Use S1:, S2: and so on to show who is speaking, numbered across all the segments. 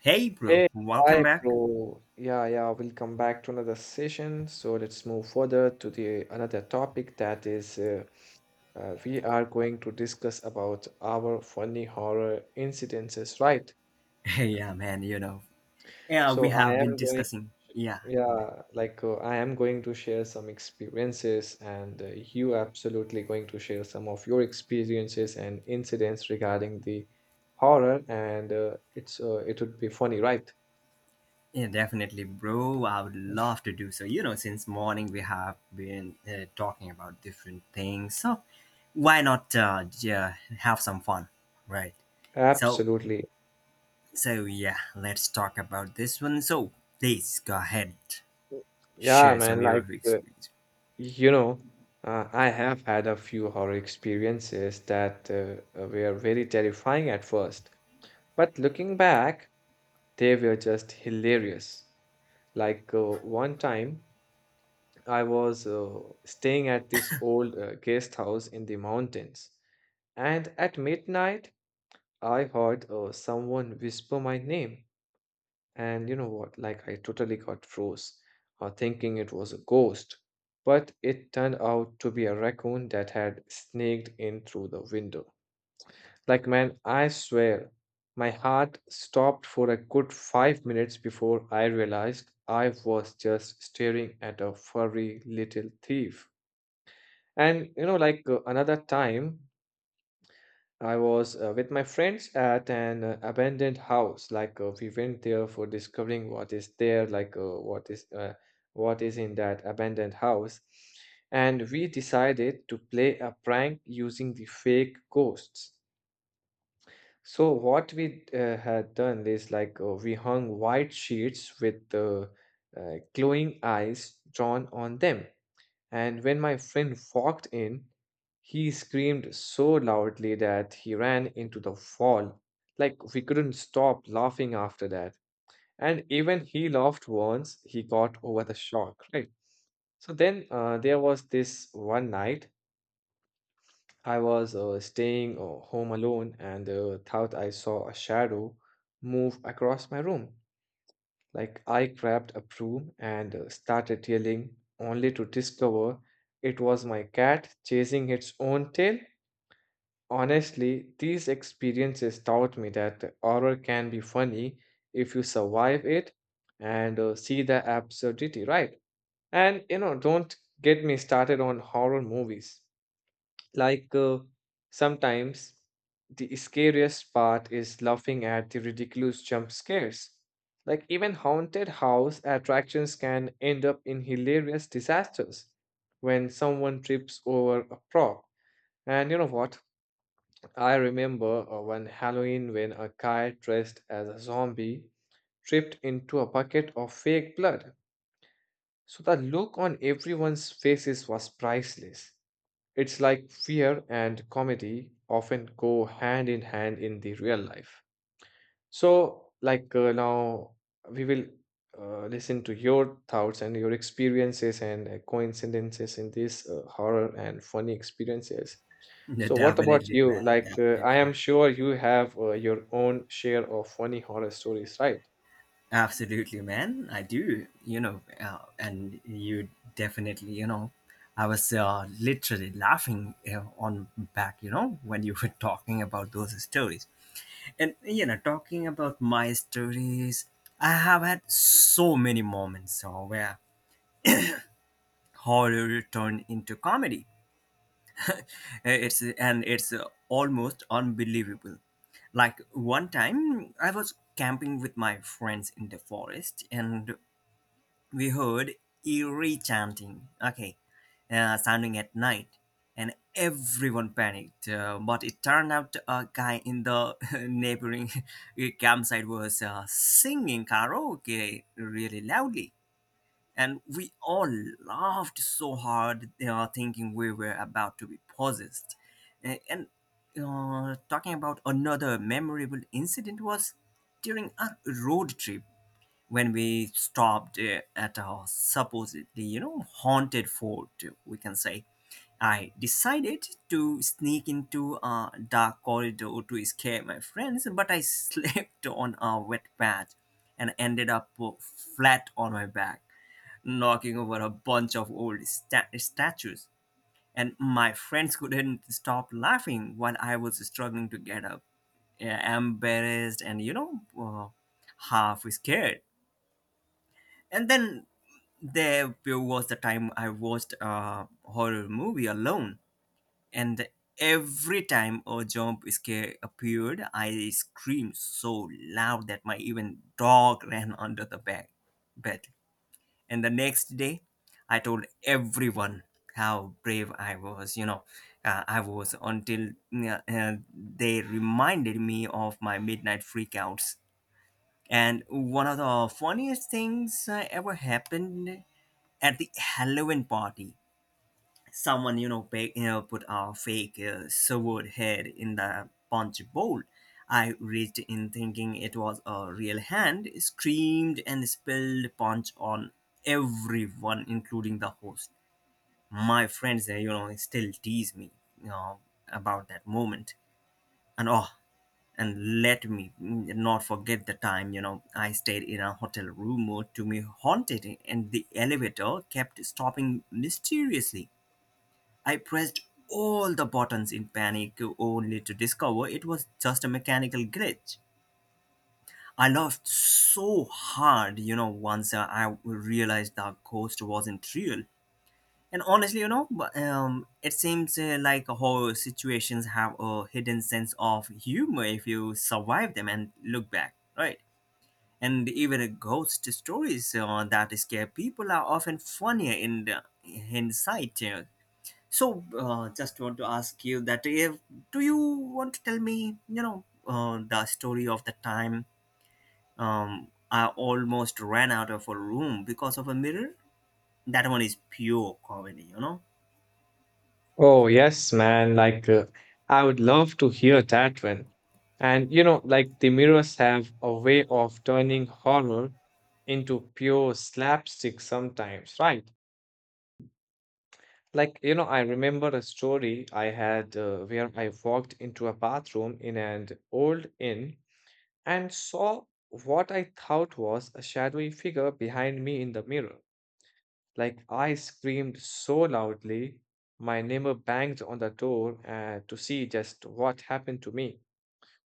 S1: Hey, bro,
S2: Hey,
S1: welcome
S2: hi,
S1: back.
S2: bro. Yeah, yeah, we'll come back to another session. So let's move further to the another topic that is we are going to discuss about our funny horror incidences, right?
S1: Yeah, man, you know, yeah,
S2: So
S1: we have been discussing. Yeah, man.
S2: I am going to share some experiences, and you absolutely going to share some of your experiences and incidents regarding the horror, and it would be funny, right?
S1: Yeah, definitely, bro. I would love to do so. You know, since morning we have been talking about different things. So why not have some fun, right? So,
S2: Absolutely.
S1: so yeah, let's talk about this one. So please go ahead,
S2: Yeah,
S1: share some
S2: man,
S1: of your experience.
S2: you know, I have had a few horror experiences that were very terrifying at first, but looking back, they were just hilarious. Like, one time I was staying at this old guest house in the mountains, and at midnight I heard someone whisper my name. And you know what? Like, I totally got froze, thinking it was a ghost. But it turned out to be a raccoon that had sneaked in through the window. Like, man, I swear, my heart stopped for a good 5 minutes before I realized I was just staring at a furry little thief. And you know, another time, I was with my friends at an abandoned house. We went there for discovering what is there, what is in that abandoned house, and we decided to play a prank using the fake ghosts. So what we had done is we hung white sheets with glowing eyes drawn on them. And when my friend walked in, he screamed so loudly that he ran into the wall. Like, we couldn't stop laughing after that. And even he laughed once, he got over the shock, right? So then there was this one night, I was staying home alone and thought I saw a shadow move across my room. Like I grabbed a broom and started yelling, only to discover it was my cat chasing its own tail. Honestly, these experiences taught me that horror can be funny if you survive it and see the absurdity, right? And you know, don't get me started on horror movies. Like uh, Sometimes the scariest part is laughing at the ridiculous jump scares. Like even haunted house attractions can end up in hilarious disasters when someone trips over a prop. And you know what? I remember one Halloween when a guy dressed as a zombie tripped into a bucket of fake blood. So the look on everyone's faces was priceless. It's like fear and comedy often go hand in hand in the real life. So, now, we will listen to your thoughts and your experiences and coincidences in this horror and funny experiences.
S1: Yeah,
S2: So, what about
S1: definitely,
S2: you?
S1: man.
S2: Like, I
S1: Definitely.
S2: am sure you have your own share of funny horror stories, right?
S1: Absolutely, man. I do, you know, and you definitely, you know, I was literally laughing on back, you know, when you were talking about those stories. And, you know, talking about my stories, I have had so many moments where horror turned into comedy. It's almost unbelievable. Like one time, I was camping with my friends in the forest, and we heard eerie chanting, okay, sounding at night, and everyone panicked. But it turned out a guy in the neighboring campsite was singing karaoke really loudly. And we all laughed so hard, thinking we were about to be possessed. A- And Talking about another memorable incident was during a road trip when we stopped at a supposedly, you know, haunted fort, we can say. I decided to sneak into a dark corridor to scare my friends, but I slipped on a wet patch and ended up flat on my back, knocking over a bunch of old statues, and my friends couldn't stop laughing while I was struggling to get up, uh, embarrassed and, you know, half scared. And then there was the time I watched a horror movie alone, and every time a jump scare appeared, I screamed so loud that my even dog ran under the bed. And the next day, I told everyone how brave I was. You know, I was until they reminded me of my midnight freakouts. And one of the funniest things ever happened at the Halloween party, someone, you know, you know, put a fake severed head in the punch bowl. I reached in thinking it was a real hand, screamed and spilled punch on everyone, including the host. My friends, you know, still tease me, you know, about that moment. And oh, and let me not forget the time, you know, I stayed in a hotel room or to me haunted, and the elevator kept stopping mysteriously. I pressed all the buttons in panic, only to discover it was just a mechanical glitch. I laughed so hard, you know, once I realized the ghost wasn't real. And honestly, you know, it seems like horror situations have a hidden sense of humor if you survive them and look back, right? And even ghost stories that scare people are often funnier in the hindsight. So, just want to ask you that if do you want to tell me, you know, the story of the time I almost ran out of a room because of a mirror? That one is pure comedy, you know.
S2: Oh, yes, man. Like, I would love to hear that one. And, you know, like the mirrors have a way of turning horror into pure slapstick sometimes, right? Like, you know, I remember a story I had where I walked into a bathroom in an old inn and saw what I thought was a shadowy figure behind me in the mirror. Like I screamed so loudly, my neighbor banged on the door to see just what happened to me.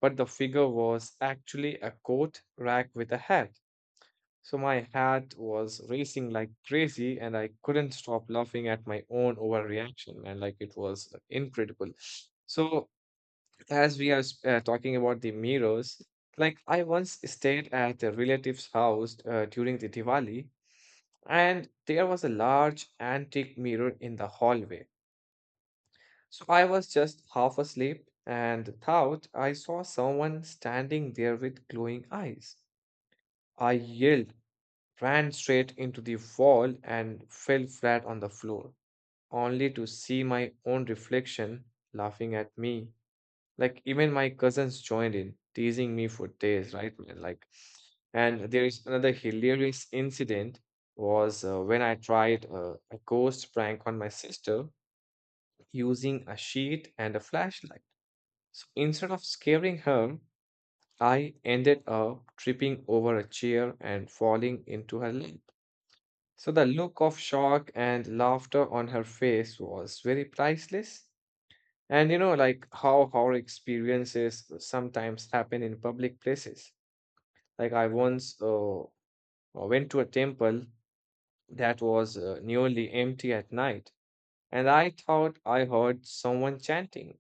S2: But the figure was actually a coat rack with a hat. So my heart was racing like crazy, and I couldn't stop laughing at my own overreaction. And like it was incredible. So, as we are talking about the mirrors, like I once stayed at a relative's house during the Diwali and there was a large antique mirror in the hallway. So I was just half asleep and thought I saw someone standing there with glowing eyes. I yelled, ran straight into the wall, and fell flat on the floor, only to see my own reflection laughing at me. Like even my cousins joined in, teasing me for days, right, man? Like, and there is another hilarious incident was when I tried a ghost prank on my sister using a sheet and a flashlight. So instead of scaring her, I ended up tripping over a chair and falling into her lap. So the look of shock and laughter on her face was very priceless. And you know, like how horror experiences sometimes happen in public places. Like I once went to a temple that was nearly empty at night, and I thought I heard someone chanting.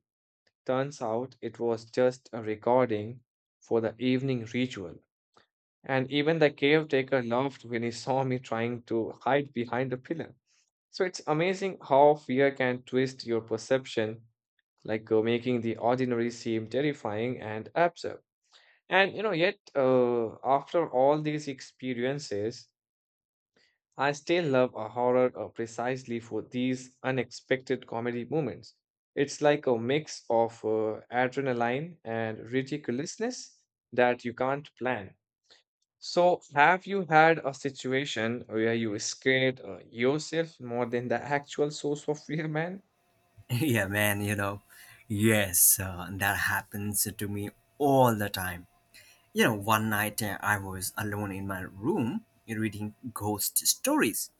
S2: Turns out it was just a recording for the evening ritual. And even the caretaker laughed when he saw me trying to hide behind a pillar. So it's amazing how fear can twist your perception making the ordinary seem terrifying and absurd. And you know, yet after all these experiences, I still love a horror precisely for these unexpected comedy moments. It's like a mix of adrenaline and ridiculousness that you can't plan. So, have you had a situation where you scared yourself more than the actual source of fear, man?
S1: Yeah, man, you know, yes, that happens to me all the time. You know, one night I was alone in my room reading ghost stories,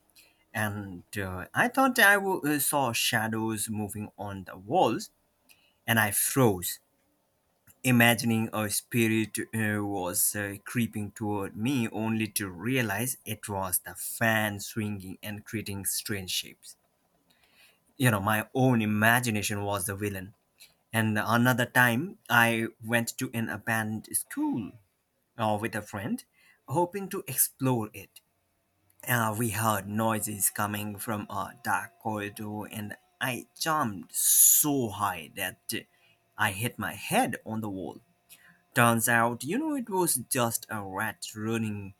S1: and I thought I saw shadows moving on the walls, and I froze, imagining a spirit was creeping toward me, only to realize it was the fan swinging and creating strange shapes. You know, my own imagination was the villain. And another time, I went to an abandoned school with a friend, hoping to explore it. We heard noises coming from a dark corridor, and I jumped so high that I hit my head on the wall. Turns out, you know, it was just a rat running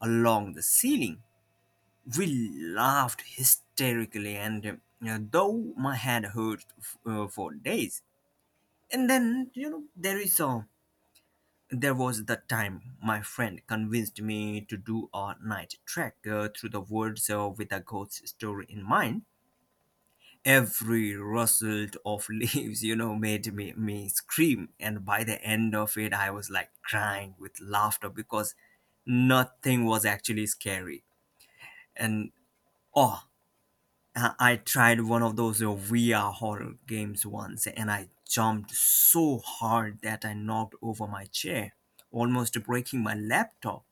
S1: along the ceiling. We laughed hysterically, and though my head hurt for days. And then, you know, there is a there was the time my friend convinced me to do a night trek through the woods with a ghost story in mind. Every rustle of leaves, you know, made me scream. And by the end of it, I was like crying with laughter because nothing was actually scary. And oh, I tried one of those VR horror games once, and I jumped so hard that I knocked over my chair, almost breaking my laptop.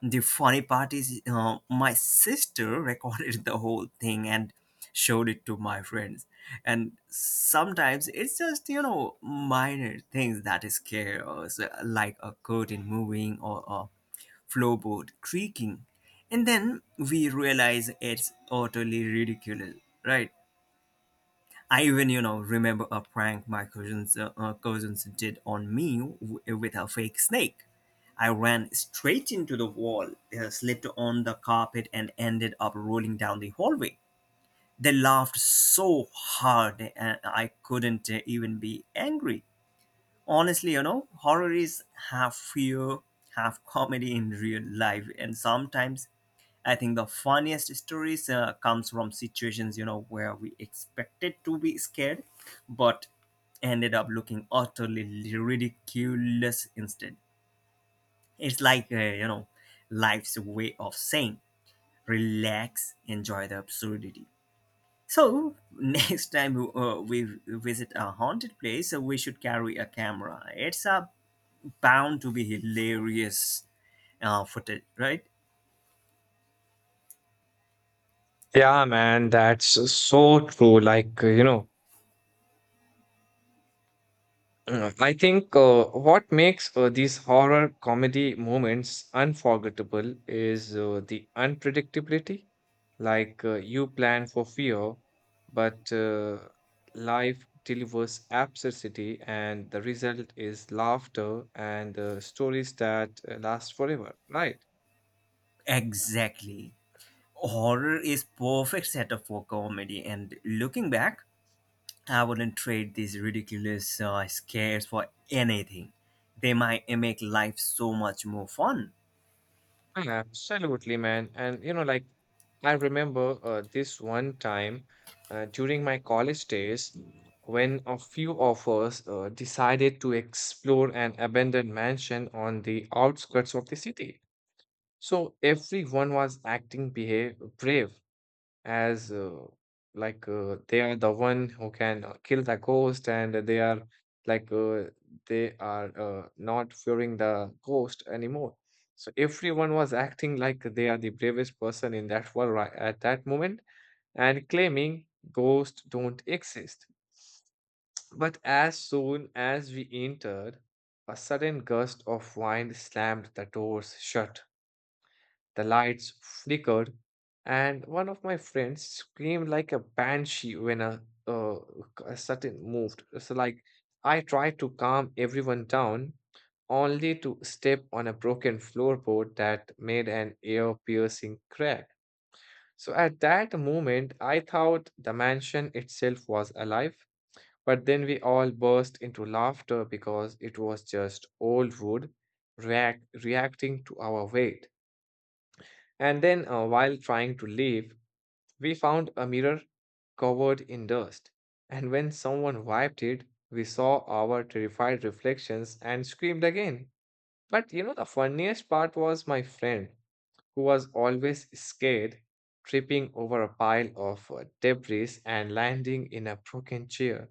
S1: The funny part is, my sister recorded the whole thing and showed it to my friends. And sometimes it's just, you know, minor things that scare us, like a curtain moving or a floorboard creaking. And then we realize it's utterly ridiculous, right? I even, you know, remember a prank my cousins did on me with a fake snake. I ran straight into the wall, slipped on the carpet, and ended up rolling down the hallway. They laughed so hard, and I couldn't even be angry. Honestly, you know, horror is half fear, half comedy in real life. And sometimes I think the funniest stories comes from situations, you know, where we expected to be scared but ended up looking utterly ridiculous instead. It's like, you know, life's way of saying relax, enjoy the absurdity. So next time we visit a haunted place, we should carry a camera. It's a bound to be hilarious footage, right?
S2: Yeah, man, that's so true. Like, I think what makes these horror comedy moments unforgettable is the unpredictability. You plan for fear, but life delivers absurdity, and the result is laughter and stories that last forever, right?
S1: Exactly. Horror is perfect setup for comedy, and looking back, I wouldn't trade these ridiculous scares for anything. They might make life so much more fun.
S2: Absolutely, man. And you know, like I remember this one time during my college days when a few of us decided to explore an abandoned mansion on the outskirts of the city. So everyone was acting behave brave as they are the one who can kill the ghost and they are like uh, they are not fearing the ghost anymore so everyone was acting like they are the bravest person in that world right at that moment and claiming ghosts don't exist but as soon as we entered a sudden gust of wind slammed the doors shut the lights flickered, and one of my friends screamed like a banshee when a certain moved. So, like, I tried to calm everyone down only to step on a broken floorboard that made an ear piercing crack. So, at that moment, I thought the mansion itself was alive, but then we all burst into laughter because it was just old wood reacting to our weight. And then, while trying to leave, we found a mirror covered in dust. And when someone wiped it, we saw our terrified reflections and screamed again. But you know, the funniest part was my friend, who was always scared, tripping over a pile of debris and landing in a broken chair.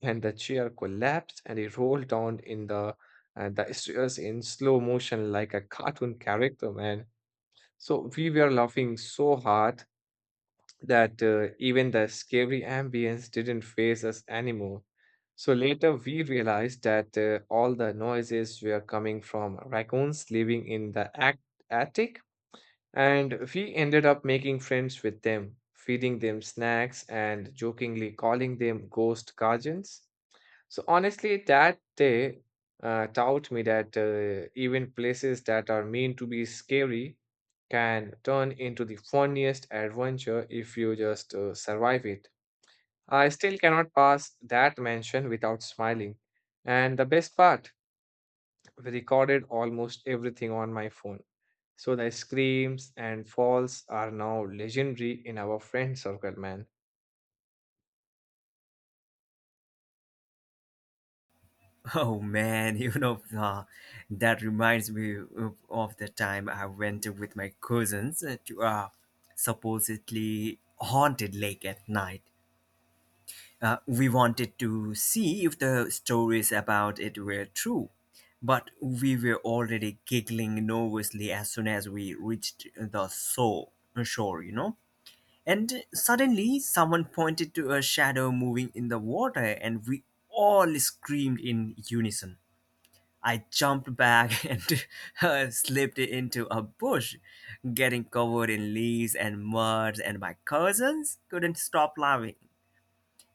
S2: And the chair collapsed and he rolled down in the stairs in slow motion like a cartoon character, man. So we were laughing so hard that even the scary ambience didn't phase us anymore. So later we realized that all the noises were coming from raccoons living in the attic, and we ended up making friends with them, feeding them snacks and jokingly calling them ghost guardians. So honestly, that day taught me that even places that are meant to be scary can turn into the funniest adventure if you just survive it. I still cannot pass that mansion without smiling. And the best part, recorded almost everything on my phone. So the screams and falls are now legendary in our friend circle, man.
S1: Oh man, you know, that reminds me of the time I went with my cousins to a supposedly haunted lake at night. We wanted to see if the stories about it were true, but we were already giggling nervously as soon as we reached the shore, you know. And suddenly, someone pointed to a shadow moving in the water, and we all screamed in unison. I jumped back and slipped into a bush, getting covered in leaves and mud, and my cousins couldn't stop laughing.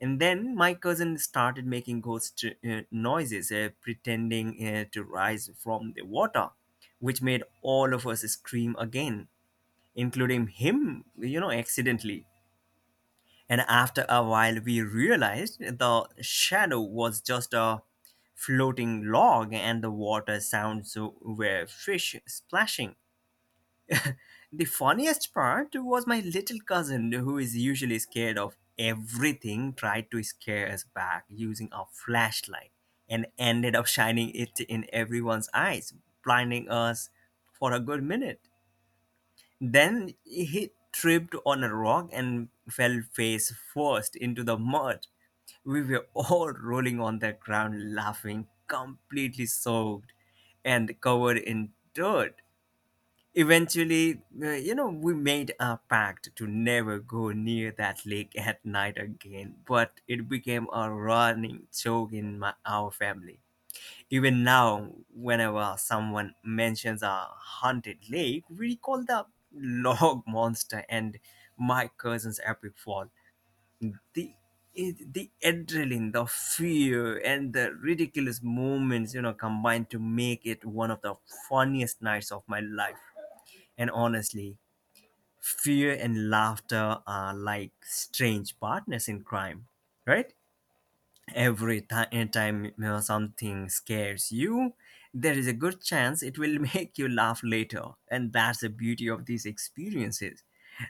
S1: And then my cousin started making ghost noises, pretending to rise from the water, which made all of us scream again, including him, you know, accidentally. And after a while, we realized the shadow was just a floating log and the water sounds were fish splashing. The funniest part was my little cousin, who is usually scared of everything, tried to scare us back using a flashlight and ended up shining it in everyone's eyes, blinding us for a good minute. Then he tripped on a rock and fell face first into the mud. We were all rolling on the ground, laughing, completely soaked and covered in dirt. Eventually, you know, we made a pact to never go near that lake at night again, but it became a running joke in our family. Even now, whenever someone mentions a haunted lake, we call the log monster and my cousin's epic fall. The the adrenaline, the fear, and the ridiculous moments, you know, combined to make it one of the funniest nights of my life. And honestly, fear and laughter are like strange partners in crime, right? Every time, you know, something scares you, there is a good chance it will make you laugh later. And that's the beauty of these experiences.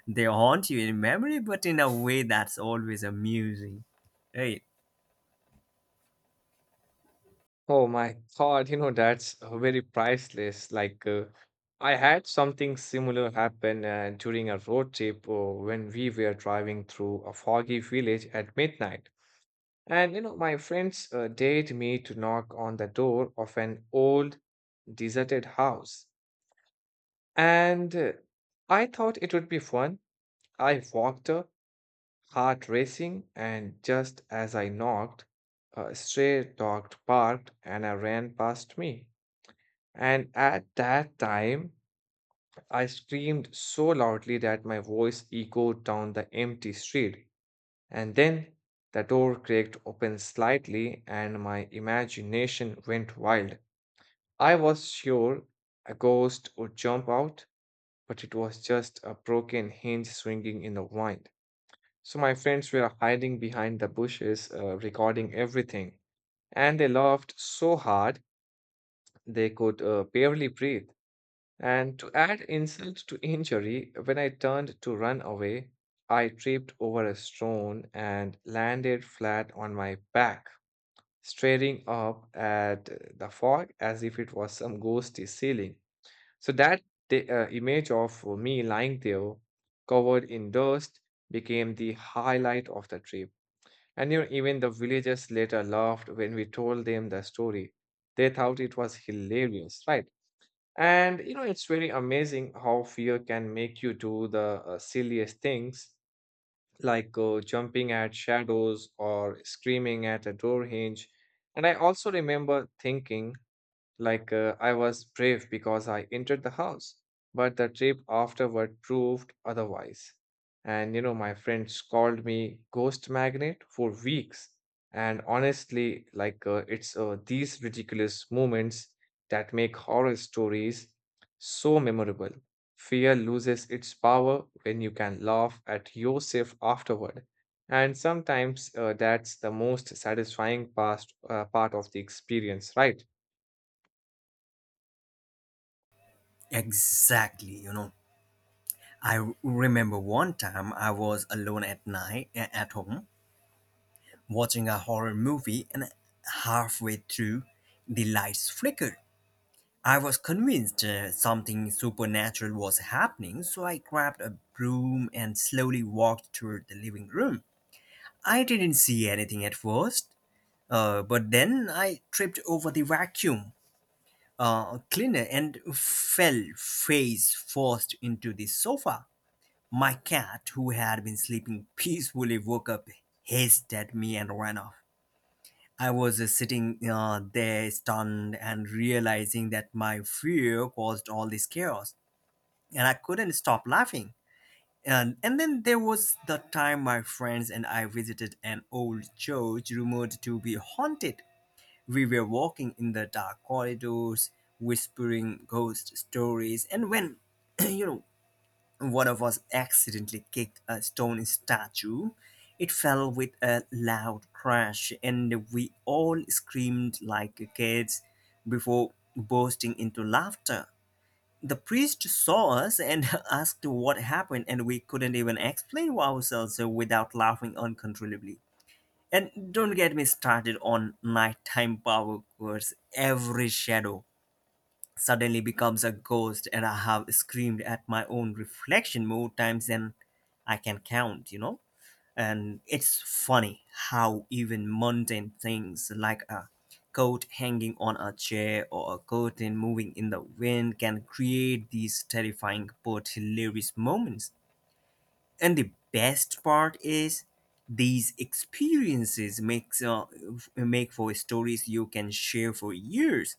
S1: They haunt you in memory, but in a way that's always amusing. Right.
S2: Oh my God, you know, that's very priceless. Like, I had something similar happen during a road trip when we were driving through a foggy village at midnight. And you know, my friends dared me to knock on the door of an old deserted house. And I thought it would be fun. I walked up, heart racing, and just as I knocked, a stray dog barked and I ran past me. And at that time, I screamed so loudly that my voice echoed down the empty street. And then the door cracked open slightly, and my imagination went wild. I was sure a ghost would jump out, but it was just a broken hinge swinging in the wind. So my friends were hiding behind the bushes, recording everything, and they laughed so hard they could barely breathe. And to add insult to injury, when I turned to run away, I tripped over a stone and landed flat on my back. Staring up at the fog as if it was some ghostly ceiling. So that the image of me lying there, covered in dust, became the highlight of the trip. And you know, even the villagers later laughed when we told them the story. They thought it was hilarious, right? And you know, it's very amazing how fear can make you do the silliest things like jumping at shadows or screaming at a door hinge. And I also remember thinking, I was brave because I entered the house, but the trip afterward proved otherwise. And you know, my friends called me ghost magnet for weeks. And honestly, it's these ridiculous moments that make horror stories so memorable. Fear loses its power when you can laugh at yourself afterward. And sometimes that's the most satisfying part of the experience, right?
S1: Exactly. You know, I remember one time I was alone at night at home, watching a horror movie, and halfway through the lights flickered. I was convinced something supernatural was happening, so I grabbed a broom and slowly walked toward the living room. I didn't see anything at first, but then I tripped over the vacuum cleaner and fell face first into the sofa. My cat, who had been sleeping peacefully, woke up, hissed at me, and ran off. I was sitting there stunned and realizing that my fear caused all this chaos, and I couldn't stop laughing. And then there was the time my friends and I visited an old church rumored to be haunted. We were walking in the dark corridors, whispering ghost stories, and when, you know, one of us accidentally kicked a stone statue. It fell with a loud crash, and we all screamed like kids before bursting into laughter. The priest saw us and asked what happened, and we couldn't even explain ourselves without laughing uncontrollably. And don't get me started on nighttime power chords. Every shadow suddenly becomes a ghost, and I have screamed at my own reflection more times than I can count, you know? And it's funny how even mundane things like a coat hanging on a chair or a curtain moving in the wind can create these terrifying but hilarious moments. And the best part is these experiences make for stories you can share for years.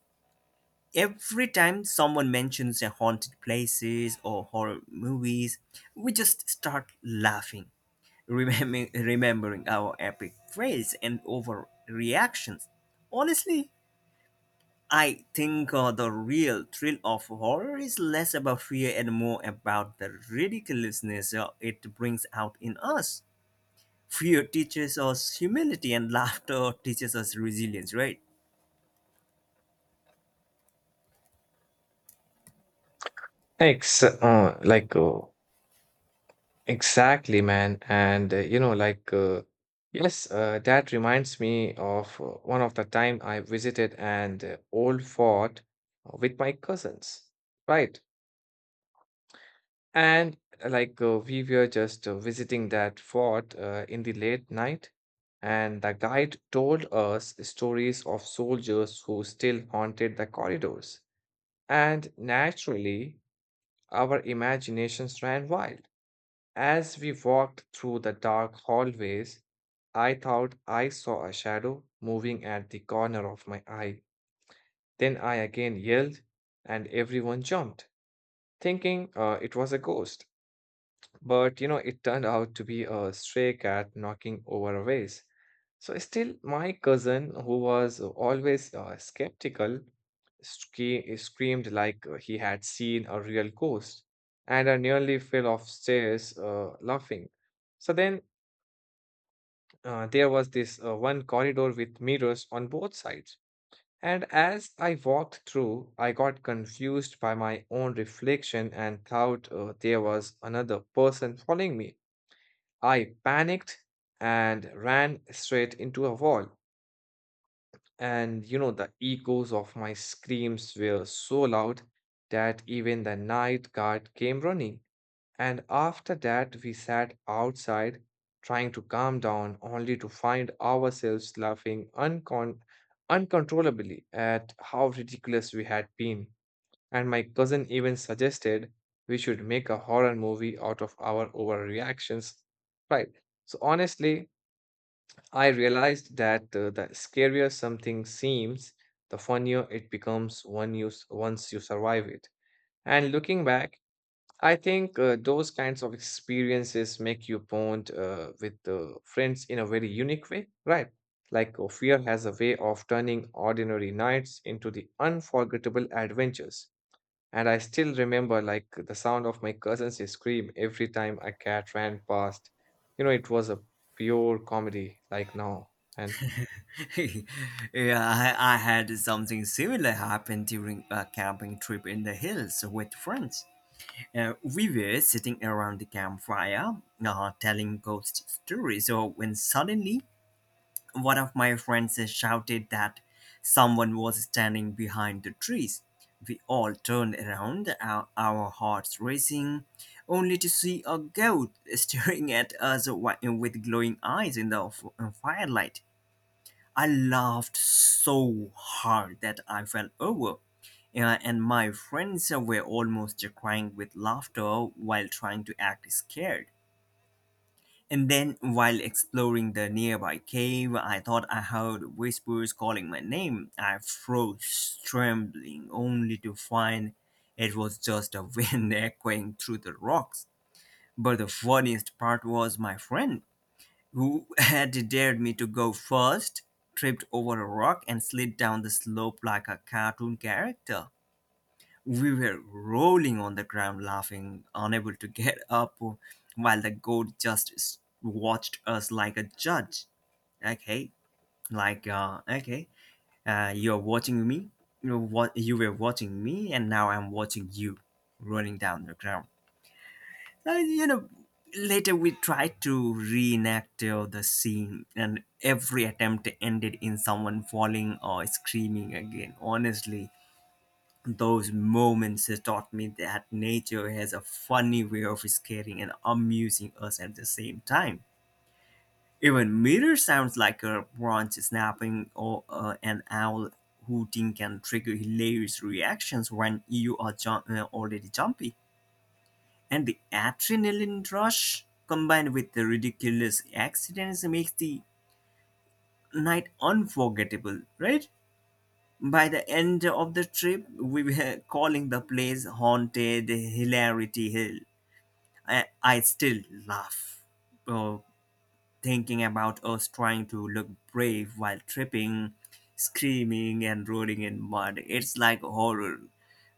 S1: Every time someone mentions a haunted places or horror movies, we just start laughing, remembering our epic fails and overreactions. Honestly, I think the real thrill of horror is less about fear and more about the ridiculousness it brings out in us. Fear teaches us humility, and laughter teaches us resilience, right?
S2: Ex like Exactly, man. And you know, yes, that reminds me of one of the time I visited an old fort with my cousins, right? And we were just visiting that fort in the late night, and the guide told us stories of soldiers who still haunted the corridors. And naturally, our imaginations ran wild as we walked through the dark hallways. I thought I saw a shadow moving at the corner of my eye. Then I again yelled, and everyone jumped, thinking it was a ghost. But you know, it turned out to be a stray cat knocking over a vase. So, still, my cousin, who was always skeptical, screamed like he had seen a real ghost, and I nearly fell off stairs laughing. So then there was this one corridor with mirrors on both sides. And as I walked through, I got confused by my own reflection and thought there was another person following me. I panicked and ran straight into a wall. And you know, the echoes of my screams were so loud that even the night guard came running. And after that, we sat outside trying to calm down, only to find ourselves laughing uncontrollably at how ridiculous we had been. And my cousin even suggested we should make a horror movie out of our overreactions. Right. So, honestly, I realized that the scarier something seems, the funnier it becomes once you survive it. And looking back, I think those kinds of experiences make you bond with friends in a very unique way, right? Like fear has a way of turning ordinary nights into the unforgettable adventures. And I still remember like the sound of my cousins' scream every time a cat ran past. You know, it was a pure comedy, like now. And
S1: Yeah, I had something similar happen during a camping trip in the hills with friends. We were sitting around the campfire, telling ghost stories, so when suddenly one of my friends shouted that someone was standing behind the trees. We all turned around, our hearts racing, only to see a goat staring at us with glowing eyes in the firelight. I laughed so hard that I fell over, and my friends were almost crying with laughter while trying to act scared. And then, while exploring the nearby cave, I thought I heard whispers calling my name. I froze, trembling, only to find it was just a wind echoing through the rocks. But the funniest part was my friend who had dared me to go first, tripped over a rock and slid down the slope like a cartoon character. We were rolling on the ground laughing, unable to get up, while the goat just watched us like a judge. Okay, like, okay, you're watching me, you know what you were watching me, and now I'm watching you rolling down the ground. You know, later we tried to reenact the scene, and every attempt ended in someone falling or screaming again. Honestly, those moments has taught me that nature has a funny way of scaring and amusing us at the same time. Even mirror sounds like a branch snapping or an owl hooting can trigger hilarious reactions when you are already jumpy. And the adrenaline rush combined with the ridiculous accidents makes the night unforgettable, right? By the end of the trip, we were calling the place Haunted Hilarity Hill. I still laugh uh, thinking about us trying to look brave while tripping, screaming, and rolling in mud. It's like horror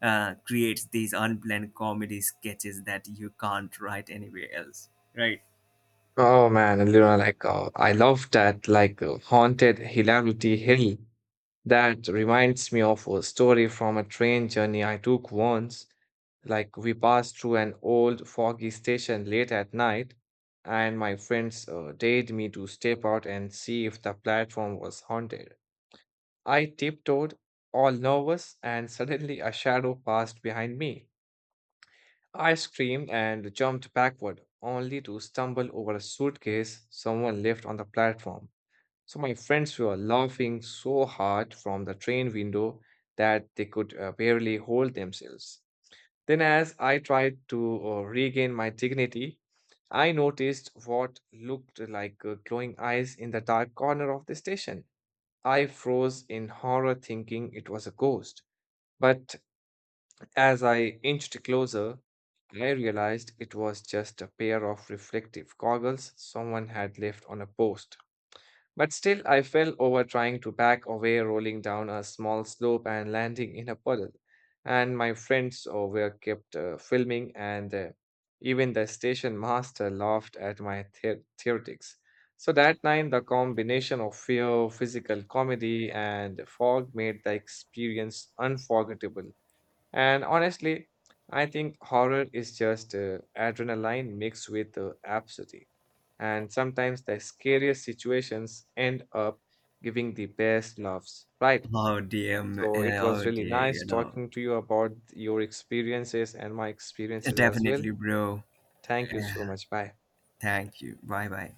S1: creates these unplanned comedy sketches that you can't write anywhere else.
S2: oh man, and, you know, I love that haunted hilarity hill. That reminds me of a story from a train journey I took once. Like, we passed through an old foggy station late at night, and my friends dared me to step out and see if the platform was haunted. I tiptoed, all nervous, and suddenly a shadow passed behind me. I screamed and jumped backward, only to stumble over a suitcase someone left on the platform. So my friends were laughing so hard from the train window that they could barely hold themselves. Then, as I tried to regain my dignity, I noticed what looked like glowing eyes in the dark corner of the station. I froze in horror, thinking it was a ghost. But as I inched closer, I realized it was just a pair of reflective goggles someone had left on a post. But still, I fell over trying to back away, rolling down a small slope and landing in a puddle. And my friends were kept filming, and even the station master laughed at my theoretics. So that night, the combination of fear, physical comedy, and fog made the experience unforgettable. And honestly, I think horror is just adrenaline mixed with absurdity. And sometimes the scariest situations end up giving the best laughs, right?
S1: Oh dear,
S2: So it was
S1: oh
S2: really
S1: dear,
S2: nice
S1: you know.
S2: talking to you about your experiences and my experiences as well.
S1: Definitely, bro.
S2: Thank you so much. Bye.
S1: Thank you. Bye bye.